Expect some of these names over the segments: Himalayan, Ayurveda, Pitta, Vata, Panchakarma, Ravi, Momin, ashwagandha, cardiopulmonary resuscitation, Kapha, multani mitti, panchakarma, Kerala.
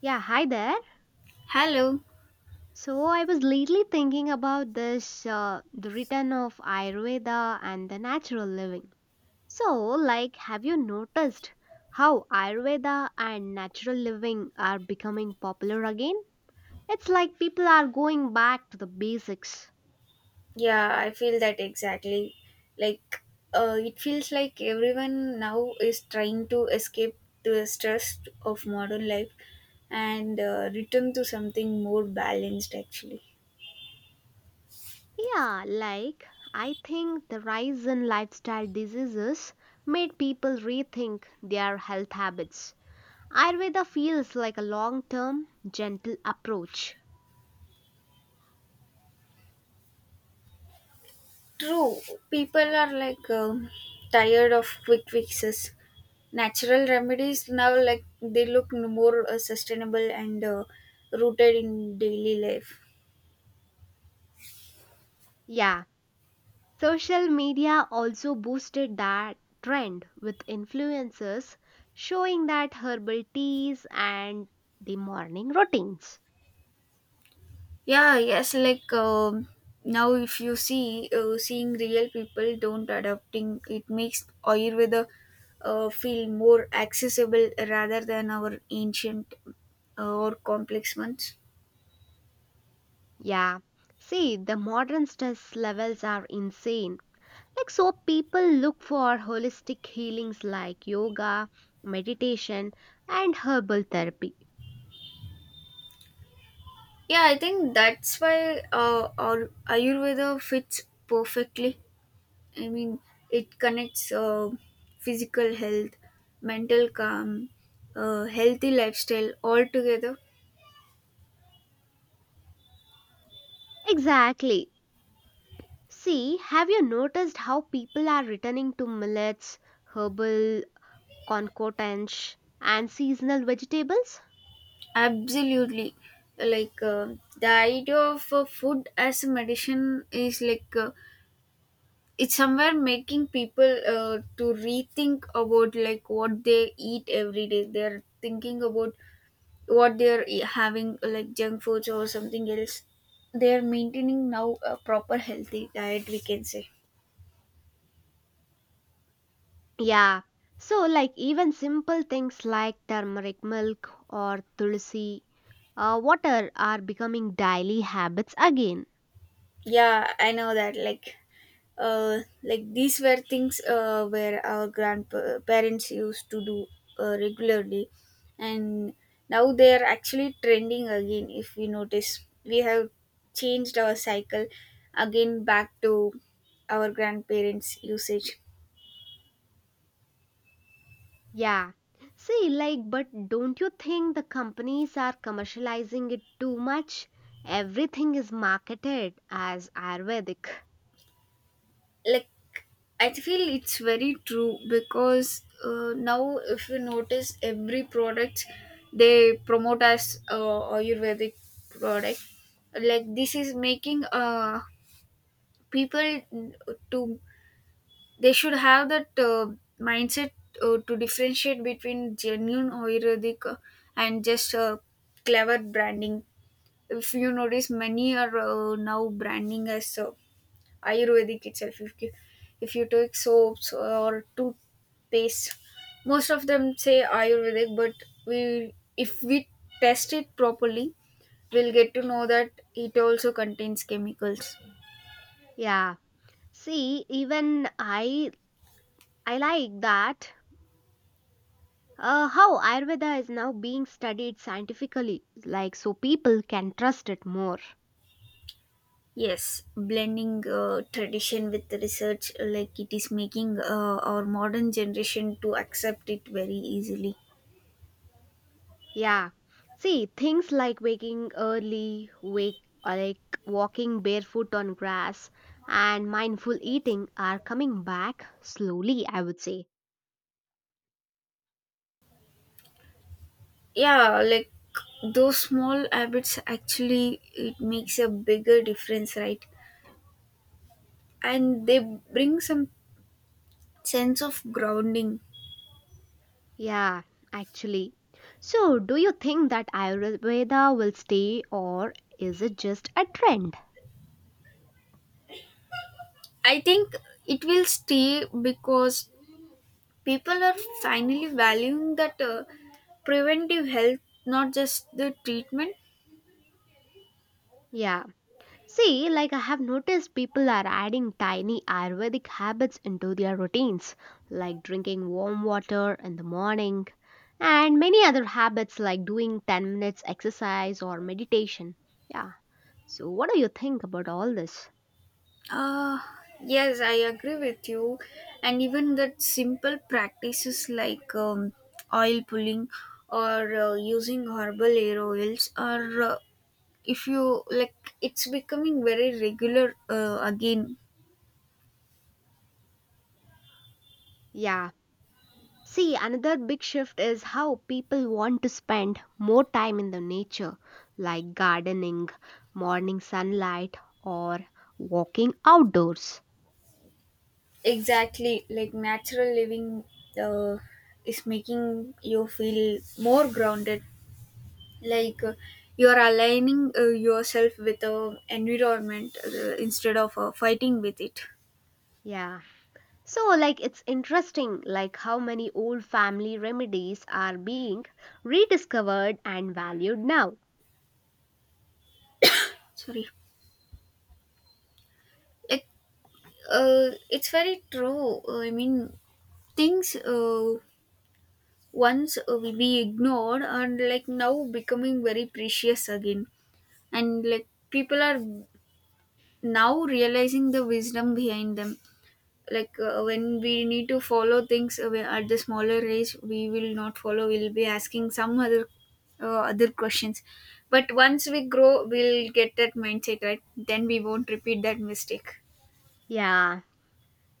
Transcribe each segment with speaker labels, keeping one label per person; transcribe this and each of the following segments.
Speaker 1: Yeah, hi there.
Speaker 2: Hello.
Speaker 1: So I was lately thinking about this the return of Ayurveda and the natural living. So like have you noticed how Ayurveda and natural living are becoming popular again? It's like people are going back to the basics.
Speaker 2: Yeah, I feel that exactly. Like, it feels like everyone now is trying to escape the stress of modern life and return to something more balanced, actually.
Speaker 1: Yeah, like I think the rise in lifestyle diseases made people rethink their health habits. Ayurveda feels like a long-term gentle approach.
Speaker 2: True, people are tired of quick fixes. Natural remedies now, like, they look more sustainable and rooted in daily life.
Speaker 1: Yeah, social media also boosted that trend with influencers showing that herbal teas and the morning routines.
Speaker 2: Yeah, yes, now if you see seeing real people don't adapting it makes Ayurveda feel more accessible rather than our ancient or complex ones.
Speaker 1: Yeah, see, the modern stress levels are insane. Like, so people look for holistic healings like yoga, meditation, and herbal therapy.
Speaker 2: Yeah, I think that's why our Ayurveda fits perfectly. I mean, it connects physical health, mental calm, healthy lifestyle all together.
Speaker 1: Exactly. See, have you noticed how people are returning to millets, herbal concordance, and seasonal vegetables.
Speaker 2: Absolutely, like the idea of food as a medicine is it's somewhere making people to rethink about like what they eat every day. They're thinking about what having like junk foods or something else. They're maintaining now a proper healthy diet, we can say.
Speaker 1: Yeah, so like even simple things like turmeric milk or tulsi water are becoming daily habits again.
Speaker 2: Yeah, I know that, like these were things where our grandparents used to do regularly. And now they are actually trending again. If we notice, we have changed our cycle again back to our grandparents usage.
Speaker 1: Yeah, see, like, but don't you think the companies are commercializing it too much? Everything is marketed as Ayurvedic.
Speaker 2: Like, I feel it's very true, because now if you notice every product they promote as ayurvedic product. Like, this is making people to they should have that mindset to differentiate between genuine ayurvedic and just clever branding. If you notice, many are now branding as ayurvedic itself. If you take soaps or toothpaste, most of them say ayurvedic, but we if we test it properly, we'll get to know that it also contains chemicals.
Speaker 1: Yeah, see, even I like that how Ayurveda is now being studied scientifically, like so people can trust it more.
Speaker 2: Yes, blending tradition with the research, like it is making our modern generation to accept it very easily.
Speaker 1: Yeah. See, things like waking early, wake or like walking barefoot on grass and mindful eating are coming back slowly, I would say.
Speaker 2: Yeah, like those small habits actually, it makes a bigger difference, right? And they bring some sense of grounding.
Speaker 1: Yeah, actually. So, do you think that Ayurveda will stay or is it just a trend?
Speaker 2: I think it will stay because people are finally valuing that preventive health, not just the treatment.
Speaker 1: Yeah. See, like I have noticed people are adding tiny Ayurvedic habits into their routines, like drinking warm water in the morning, and many other habits like doing 10 minutes exercise or meditation. Yeah. So, what do you think about all this?
Speaker 2: Uh, yes, I agree with you. And even that simple practices like oil pulling or using herbal air oils are, if you like, it's becoming very regular again.
Speaker 1: Yeah. See, another big shift is how people want to spend more time in the nature, like gardening, morning sunlight, or walking outdoors.
Speaker 2: Exactly, like natural living uh, is making you feel more grounded. Like you're aligning yourself with the environment instead of fighting with it.
Speaker 1: Yeah. So, like, it's interesting, like, how many old family remedies are being rediscovered and valued now.
Speaker 2: Sorry. Like, it's very true. I mean, things once we ignored and like now becoming very precious again, and like people are now realizing the wisdom behind them. Like when we need to follow things at the smaller age, we will not follow. We'll be asking some other other questions. But once we grow, we'll get that mindset right. Then we won't repeat that mistake.
Speaker 1: Yeah,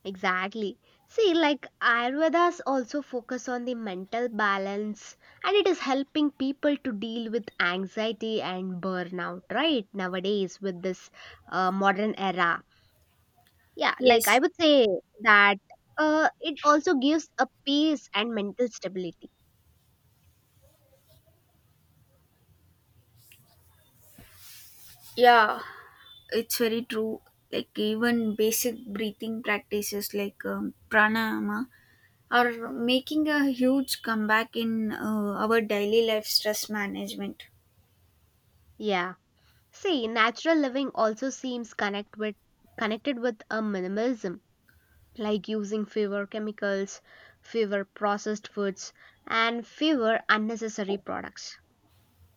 Speaker 1: exactly. See, like, Ayurvedas also focus on the mental balance and it is helping people to deal with anxiety and burnout, right? Nowadays, with this modern era. Yeah, like,
Speaker 2: Yes.
Speaker 1: I would say that it also gives a peace and mental stability.
Speaker 2: Yeah, it's very true, like even basic breathing practices like pranayama are making a huge comeback in our daily life stress management.
Speaker 1: Yeah. See, natural living also seems connected with a minimalism, like using fewer chemicals, fewer processed foods, and fewer unnecessary products.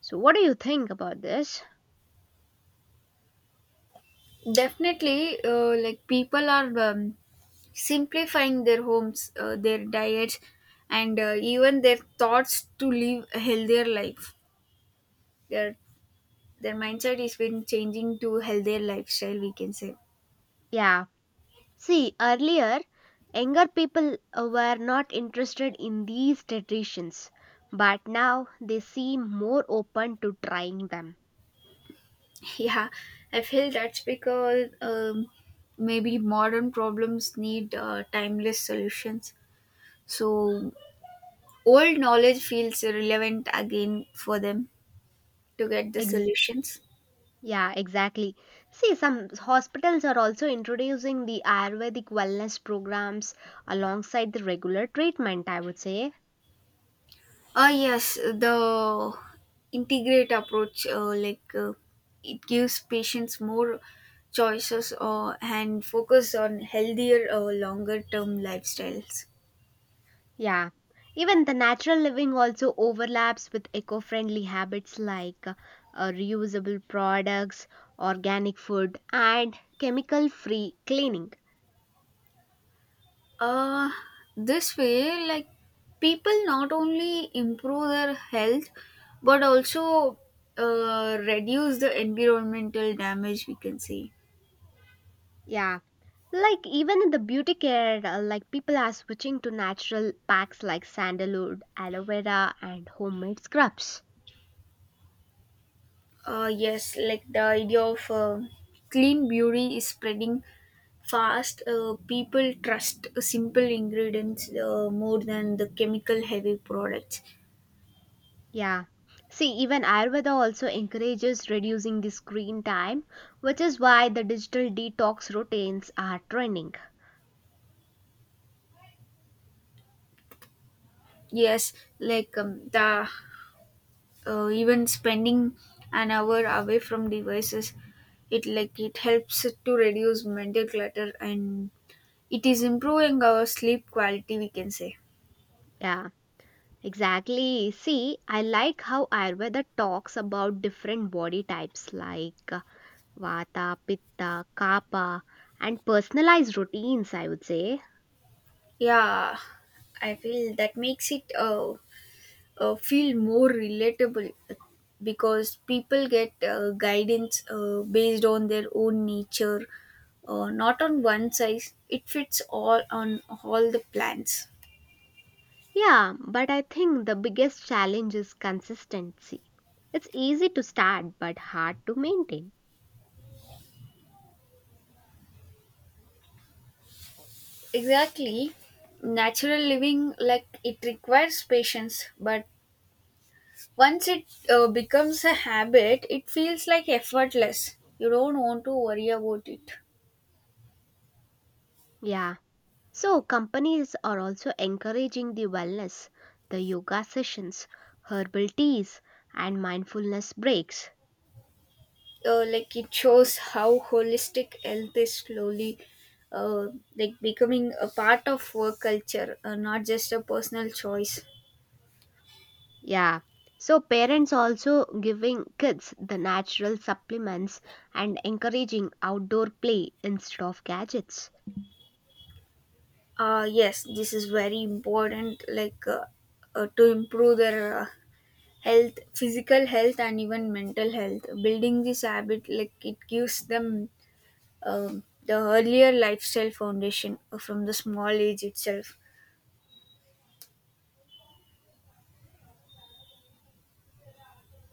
Speaker 1: So, what do you think about this?
Speaker 2: Definitely, like people are simplifying their homes, their diets, and even their thoughts to live a healthier life their their mindset is been changing to healthier lifestyle, we can say.
Speaker 1: Yeah. See, earlier, younger people were not interested in these traditions, but now they seem more open to trying them.
Speaker 2: Yeah, I feel that's because maybe modern problems need timeless solutions, so old knowledge feels relevant again for them to get the
Speaker 1: Ex-
Speaker 2: solutions.
Speaker 1: Yeah, exactly. See, some hospitals are also introducing the Ayurvedic wellness programs alongside the regular treatment, I would say.
Speaker 2: Ah, yes, the integrate approach, it gives patients more choices, and focus on healthier longer term lifestyles.
Speaker 1: Yeah. Even the natural living also overlaps with eco friendly habits like reusable products, organic food, and chemical free cleaning.
Speaker 2: Uh, this way, like people not only improve their health, but also reduce the environmental damage, we can say.
Speaker 1: Yeah. Like, even in the beauty care, like people are switching to natural packs like sandalwood, aloe vera, and homemade scrubs.
Speaker 2: Uh, yes, like the idea of clean beauty is spreading fast. People trust simple ingredients more than the chemical heavy products.
Speaker 1: Yeah. See, even Ayurveda also encourages reducing the screen time, which is why the digital detox routines are trending.
Speaker 2: Yes, like, the even spending an hour away from devices, it helps to reduce mental clutter, and it is improving our sleep quality, we can say.
Speaker 1: Yeah, exactly. See, I like how Ayurveda talks about different body types like Vata, Pitta, Kapha, and personalized routines, I would say.
Speaker 2: Yeah, I feel that makes it feel more relatable, because people get guidance based on their own nature, not on one size it fits all on all the plans.
Speaker 1: Yeah, but I think the biggest challenge is consistency. It's easy to start, but hard to maintain.
Speaker 2: Exactly. Natural living, like it requires patience, but once it becomes a habit, it feels like effortless. You don't want to worry about it.
Speaker 1: Yeah. So, companies are also encouraging the wellness, the yoga sessions, herbal teas, and mindfulness breaks.
Speaker 2: Like it shows how holistic health is slowly uh, like becoming a part of work culture, not just a personal choice.
Speaker 1: Yeah. So, parents also giving kids the natural supplements and encouraging outdoor play instead of gadgets.
Speaker 2: Yes, this is very important, to improve their health, physical health, and even mental health. Building this habit, like it gives them the earlier lifestyle foundation from the small age itself.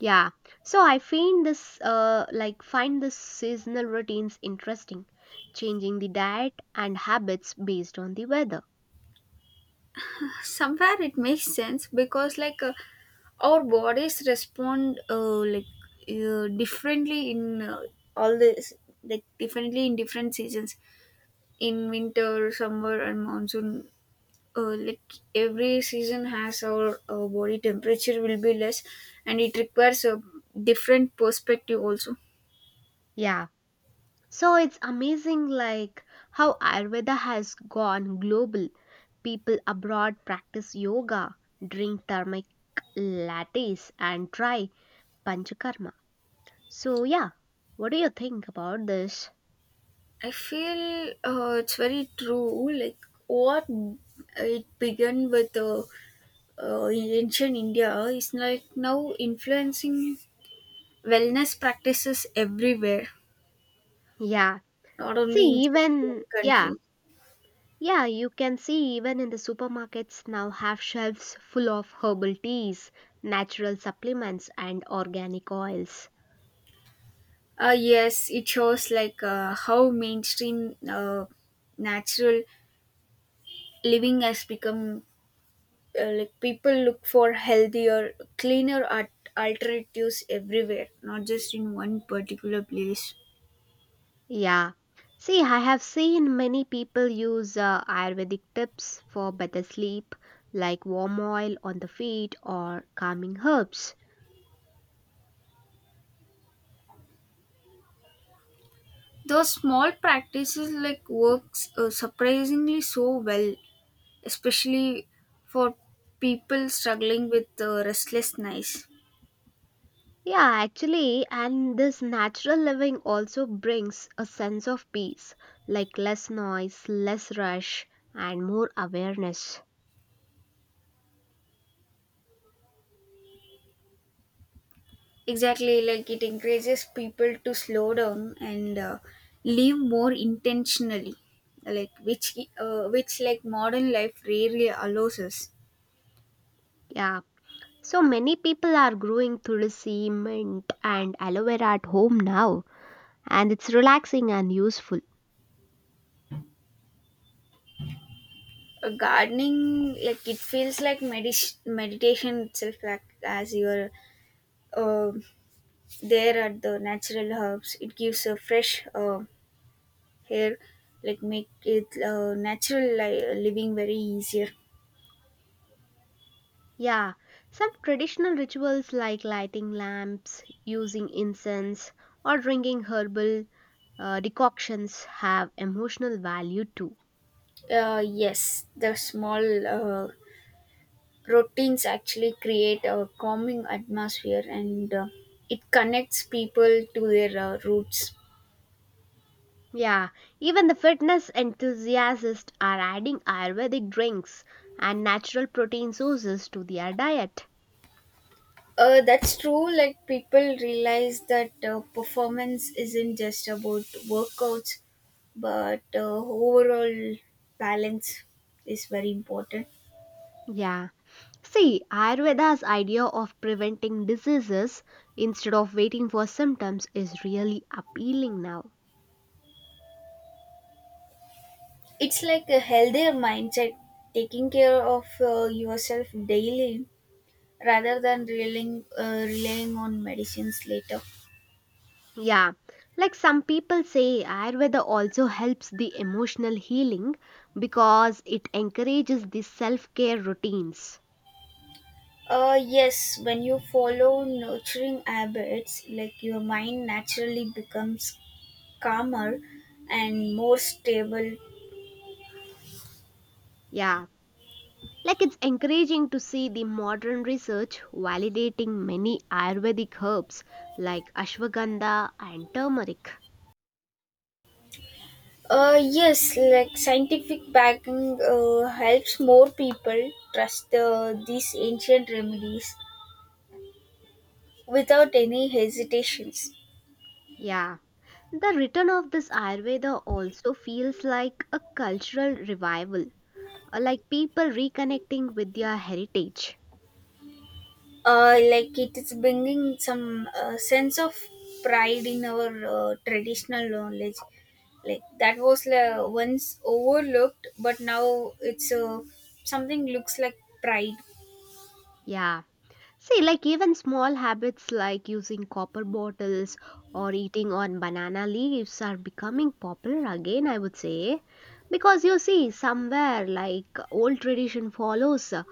Speaker 1: Yeah. So, I find this seasonal routines interesting, changing the diet and habits based on the weather.
Speaker 2: Somewhere it makes sense, because like our bodies respond differently in all this like differently in different seasons, in winter, summer, and monsoon. Like, every season has our body temperature will be less, and it requires a different perspective also.
Speaker 1: Yeah. So it's amazing like how Ayurveda has gone global. People abroad practice yoga, drink turmeric lattes and try panchakarma. So yeah, what do you think about this?
Speaker 2: I feel it's very true, like what it began with in ancient India is like now influencing wellness practices everywhere,
Speaker 1: Yeah.
Speaker 2: not
Speaker 1: See
Speaker 2: only in just one
Speaker 1: even yeah,
Speaker 2: country.
Speaker 1: yeah, you can see even in the supermarkets now have shelves full of herbal teas, natural supplements and organic oils.
Speaker 2: Uh, yes, it shows like how mainstream natural living has become. Like, people look for healthier cleaner alternatives everywhere, not just in one particular place.
Speaker 1: Yeah. See, I have seen many people use Ayurvedic tips for better sleep, like warm oil on the feet or calming herbs.
Speaker 2: Those small practices, like, works surprisingly so well, especially for people struggling with restlessness.
Speaker 1: Yeah, actually, and this natural living also brings a sense of peace, like less noise, less rush, and more awareness.
Speaker 2: Exactly, like it encourages people to slow down and live more intentionally, like which like modern life rarely allows us.
Speaker 1: Yeah. So many people are growing tulsi, mint, and aloe vera at home now, and it's relaxing and useful.
Speaker 2: Gardening, like it feels like meditation itself, like as you're uh, there at the natural herbs, it gives a fresh air, like make it natural living very easier.
Speaker 1: Yeah, some traditional rituals like lighting lamps, using incense, or drinking herbal decoctions have emotional value too.
Speaker 2: Uh, yes, the small routines actually create a calming atmosphere, and it connects people to their roots.
Speaker 1: Yeah, even the fitness enthusiasts are adding Ayurvedic drinks and natural protein sources to their diet.
Speaker 2: That's true. Like, people realize that performance isn't just about workouts, but overall balance is very important.
Speaker 1: Yeah. See, Ayurveda's idea of preventing diseases instead of waiting for symptoms is really appealing now.
Speaker 2: It's like a healthier mindset, taking care of yourself daily rather than relying on medicines later.
Speaker 1: Yeah, like some people say, Ayurveda also helps the emotional healing because it encourages the self care routines.
Speaker 2: Yes, when you follow nurturing habits, like your mind naturally becomes calmer and more stable.
Speaker 1: Yeah, like it's encouraging to see the modern research validating many Ayurvedic herbs like ashwagandha and turmeric.
Speaker 2: Yes, like scientific backing helps more people trust these ancient remedies without any hesitations.
Speaker 1: Yeah, the return of this Ayurveda also feels like a cultural revival, like people reconnecting with their heritage.
Speaker 2: Like it is bringing some sense of pride in our traditional knowledge. Like, that was once overlooked, but now it's something looks like pride.
Speaker 1: Yeah. See, like even small habits like using copper bottles or eating on banana leaves are becoming popular again, I would say. Because you see, somewhere like old tradition follows uh,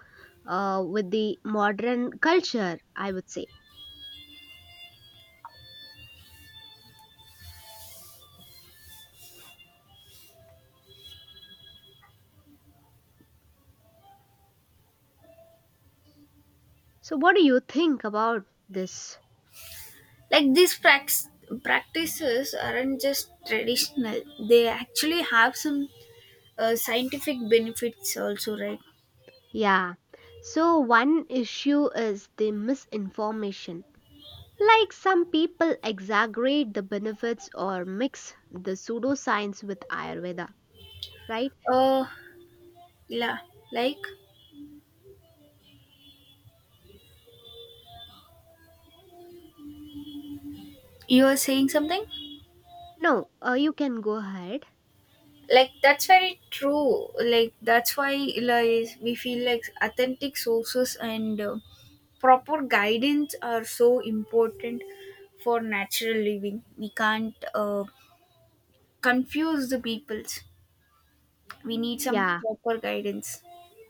Speaker 1: uh, with the modern culture, I would say. So, what do you think about this?
Speaker 2: Like these practices aren't just traditional; they actually have some scientific benefits also, right?
Speaker 1: Yeah. So, one issue is the misinformation. Like some people exaggerate the benefits or mix the pseudoscience with Ayurveda, right?
Speaker 2: uh yeah, like you are saying something.
Speaker 1: No, you can go ahead.
Speaker 2: Like, that's very true, like that's why, like, we feel like authentic sources and proper guidance are so important for natural living. We can't confuse the peoples. We need some
Speaker 1: Yeah,
Speaker 2: proper guidance.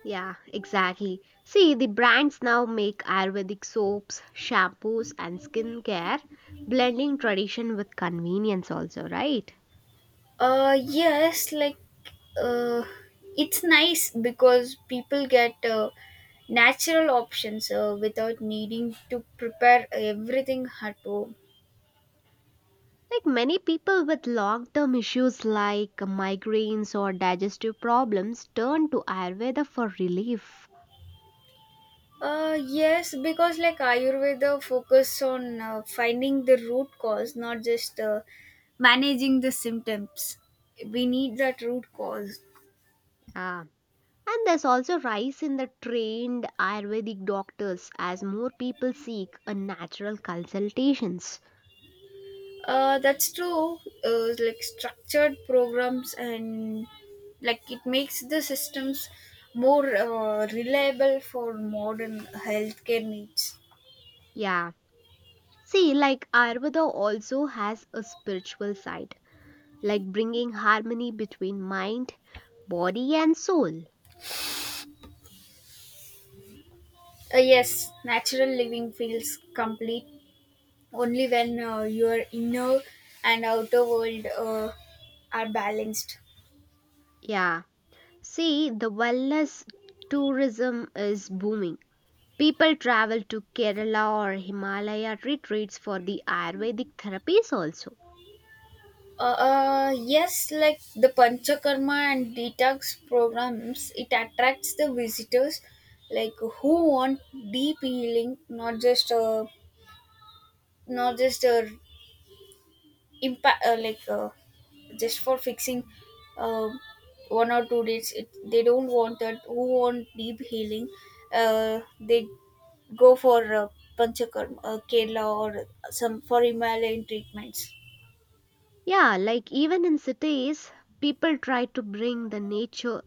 Speaker 1: yeah, exactly. See, the brands now make Ayurvedic soaps, shampoos, and skincare, blending tradition with convenience, also, right?
Speaker 2: Yes, uh, it's nice because people get natural options without needing to prepare everything at home.
Speaker 1: Like many people with long term issues like migraines or digestive problems turn to Ayurveda for relief.
Speaker 2: Yes, because like Ayurveda focus on finding the root cause, not just managing the symptoms. We need that root cause.
Speaker 1: Ah, and there's also rise in the trained Ayurvedic doctors as more people seek a natural consultations.
Speaker 2: That's true. Like structured programs and like it makes the systems more reliable for modern healthcare needs.
Speaker 1: Yeah, see, like Ayurveda also has a spiritual side, like bringing harmony between mind, body, and soul.
Speaker 2: Yes, natural living feels complete only when your inner and outer world are balanced.
Speaker 1: Yeah. See, the wellness tourism is booming. People travel to Kerala or Himalaya retreats for the Ayurvedic therapies also.
Speaker 2: Yes, like the Panchakarma and detox programs, it attracts the visitors, like who want deep healing, not just impact, just for fixing uh, one or two days. It, they don't want that. Who want deep healing? They go for Panchakarma, Kerala, or some for Himalayan treatments.
Speaker 1: Yeah, like even in cities, people try to bring the nature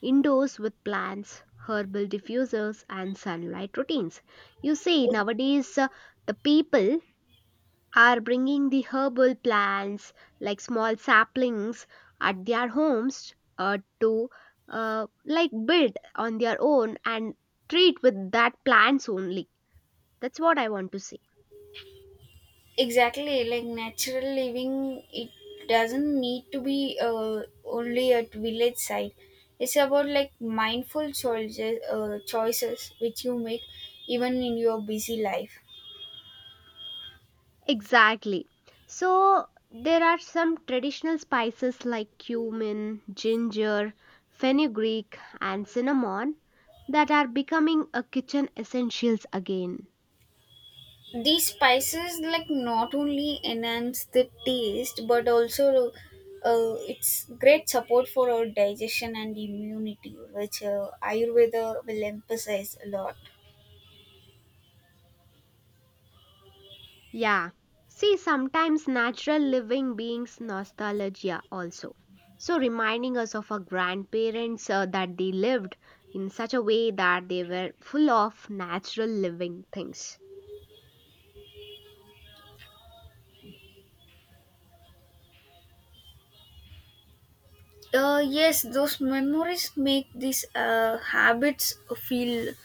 Speaker 1: indoors with plants, herbal diffusers, and sunlight routines. You see, nowadays the people are bringing the herbal plants like small saplings at their homes to like build on their own and treat with that plants only. That's what I want to say.
Speaker 2: Exactly, like natural living, it doesn't need to be only at village side. It's about like mindful choices, choices which you make even in your busy life.
Speaker 1: Exactly. So there are some traditional spices like cumin, ginger, fenugreek, and cinnamon that are becoming a kitchen essentials again.
Speaker 2: These spices, like, not only enhance the taste but also it's great support for our digestion and immunity, which ayurveda will emphasize a lot.
Speaker 1: Yeah. See, sometimes natural living beings nostalgia also. So reminding us of our grandparents that they lived in such a way that they were full of natural living things.
Speaker 2: Yes, those memories make these habits feel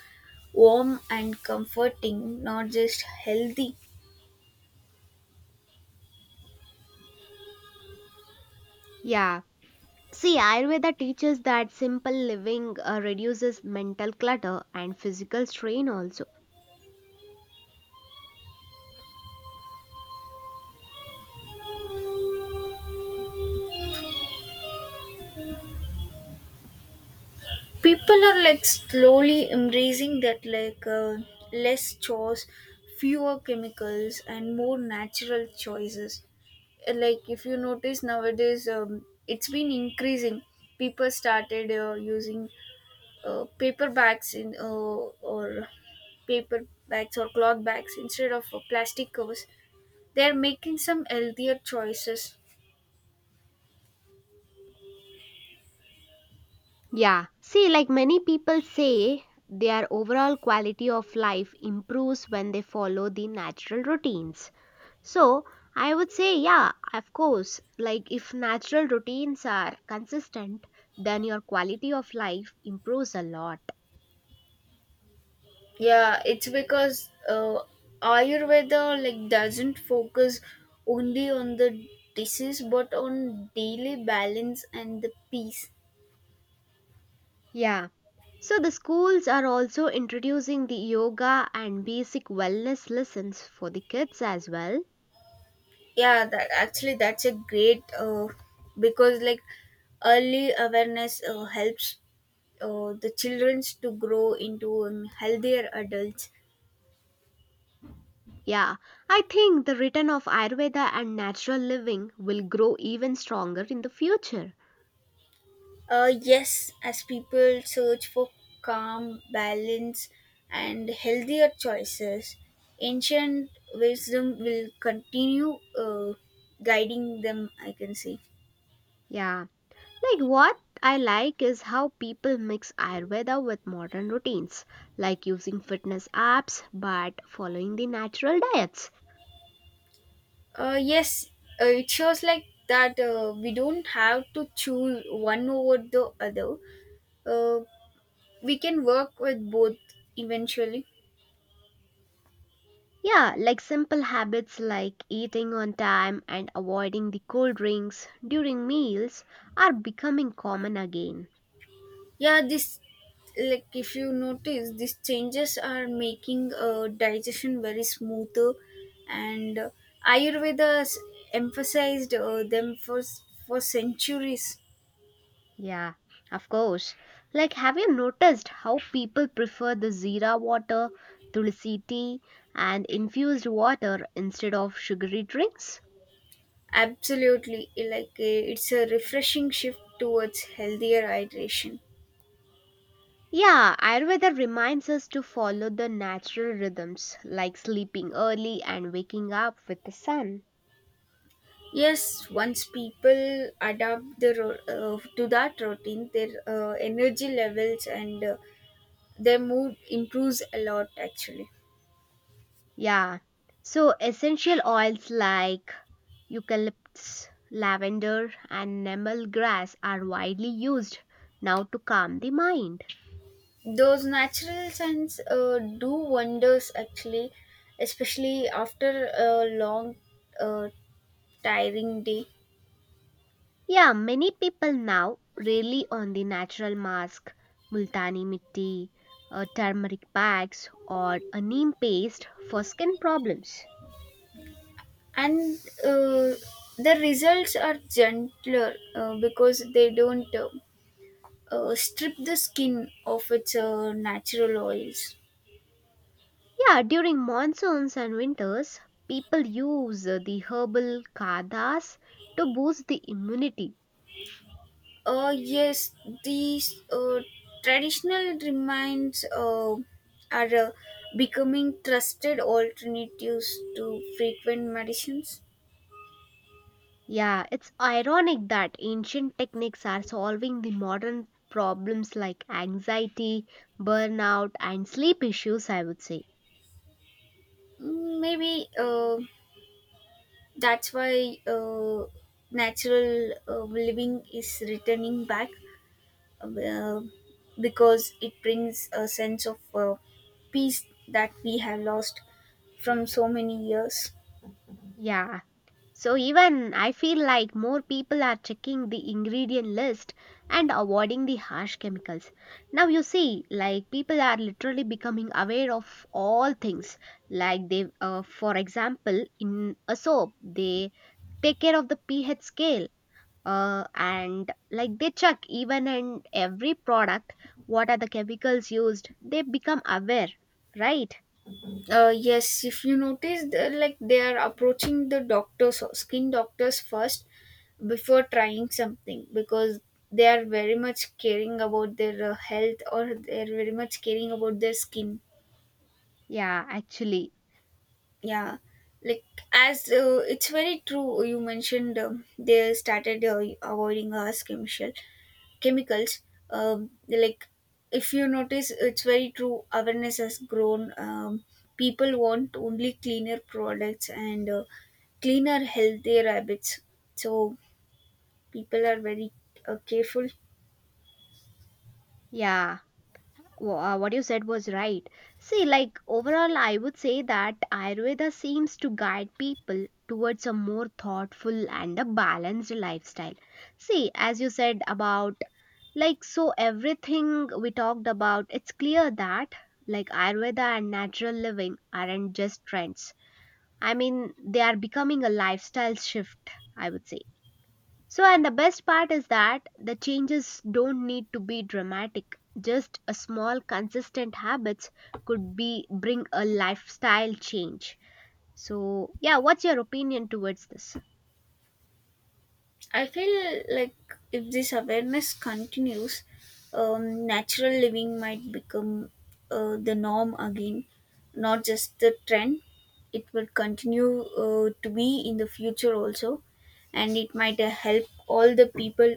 Speaker 2: warm and comforting, not just healthy.
Speaker 1: Yeah. See, Ayurveda teaches that simple living reduces mental clutter and physical strain also.
Speaker 2: People are like slowly embracing that, like less chores, fewer chemicals, and more natural choices. Like if you notice nowadays, it's been increasing. People started using uh, paper bags in uh, or paper bags or cloth bags instead of plastic covers. They're making some healthier choices.
Speaker 1: Yeah. See, like many people say, their overall quality of life improves when they follow the natural routines. So, I would say, yeah, of course, like if natural routines are consistent, then your quality of life improves a lot.
Speaker 2: Yeah, it's because ayurveda, like, doesn't focus only on the disease, but on daily balance and the peace.
Speaker 1: Yeah. So the schools are also introducing the yoga and basic wellness lessons for the kids as well.
Speaker 2: Yeah, that actually, that's a great, because like early awareness helps the children to grow into healthier adults.
Speaker 1: Yeah, I think the return of Ayurveda and natural living will grow even stronger in the future.
Speaker 2: Yes, as people search for calm, balance, and healthier choices, ancient wisdom will continue guiding them, I can say.
Speaker 1: Yeah, like what I like is how people mix Ayurveda with modern routines, like using fitness apps but following the natural diets.
Speaker 2: Yes, it shows like that we don't have to choose one over the other. Uh, we can work with both eventually.
Speaker 1: Yeah, like simple habits like eating on time and avoiding the cold drinks during meals are becoming common again.
Speaker 2: Yeah, this, like, if you notice these changes are making digestion very smoother, and ayurveda has emphasized them for centuries.
Speaker 1: Yeah, of course. Like, have you noticed how people prefer the zira water, tulsi tea, and infused water instead of sugary drinks?
Speaker 2: Absolutely, like it's a refreshing shift towards healthier hydration.
Speaker 1: Yeah, Ayurveda reminds us to follow the natural rhythms like sleeping early and waking up with the sun.
Speaker 2: Yes, once people adapt the to that routine, their energy levels and their mood improves a lot actually.
Speaker 1: Yeah, so essential oils like Eucalyptus, lavender, and nemal grass are widely used now to calm the mind.
Speaker 2: Those natural scents do wonders actually, especially after a long, uh, tiring day.
Speaker 1: Yeah, many people now rely on the natural mask, multani mitti, turmeric bags, or a neem paste for skin problems.
Speaker 2: And uh, the results are gentler because they don't strip the skin of its natural oils.
Speaker 1: Yeah, during monsoons and winters, people use the herbal kadhas to boost the immunity.
Speaker 2: Yes, these traditional remines are becoming trusted alternatives to frequent medicines.
Speaker 1: Yeah, it's ironic that ancient techniques are solving the modern problems like anxiety, burnout, and sleep issues, I would say.
Speaker 2: Mm, maybe that's why natural living is returning back, uh, because it brings a sense of peace that we have lost from so many years.
Speaker 1: Yeah, so even I feel like more people are checking the ingredient list and avoiding the harsh chemicals. Now, you see, like people are literally becoming aware of all things. Like, they, for example, in a soap, they take care of the pH scale and like they check even in every product what are the chemicals used they become aware, right?
Speaker 2: Uh, yes, if you notice, they're like, they are approaching the doctors or skin doctors first before trying something, because they are very much caring about their health, or they are very much caring about their skin.
Speaker 1: Yeah, actually,
Speaker 2: Yeah, like as it's very true, you mentioned they started avoiding harsh chemicals. Like, if you notice, it's very true, awareness has grown. People want only cleaner products and cleaner healthier habits, so people are very careful.
Speaker 1: yeah. What you said was right. See like overall I would say that Ayurveda seems to guide people towards a more thoughtful and a balanced lifestyle. See as you said about like so everything we talked about it's clear that like Ayurveda and natural living aren't just trends. I mean, they are becoming a lifestyle shift, I would say. So, and the best part is that the changes don't need to be dramatic. Just a small, consistent habits could be bring a lifestyle change. So, yeah, what's your opinion towards this?
Speaker 2: I feel like if this awareness continues, natural living might become the norm again, not just the trend. It will continue to be in the future also, and it might help all the people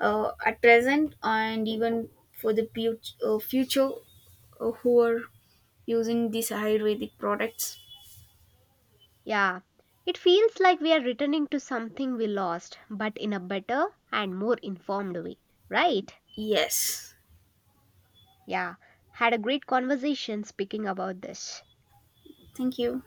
Speaker 2: at present and even for the future who are using these Ayurvedic products.
Speaker 1: Yeah, it feels like we are returning to something we lost, but in a better and more informed way, right?
Speaker 2: Yes,
Speaker 1: Yeah, had a great conversation speaking about this.
Speaker 2: thank you.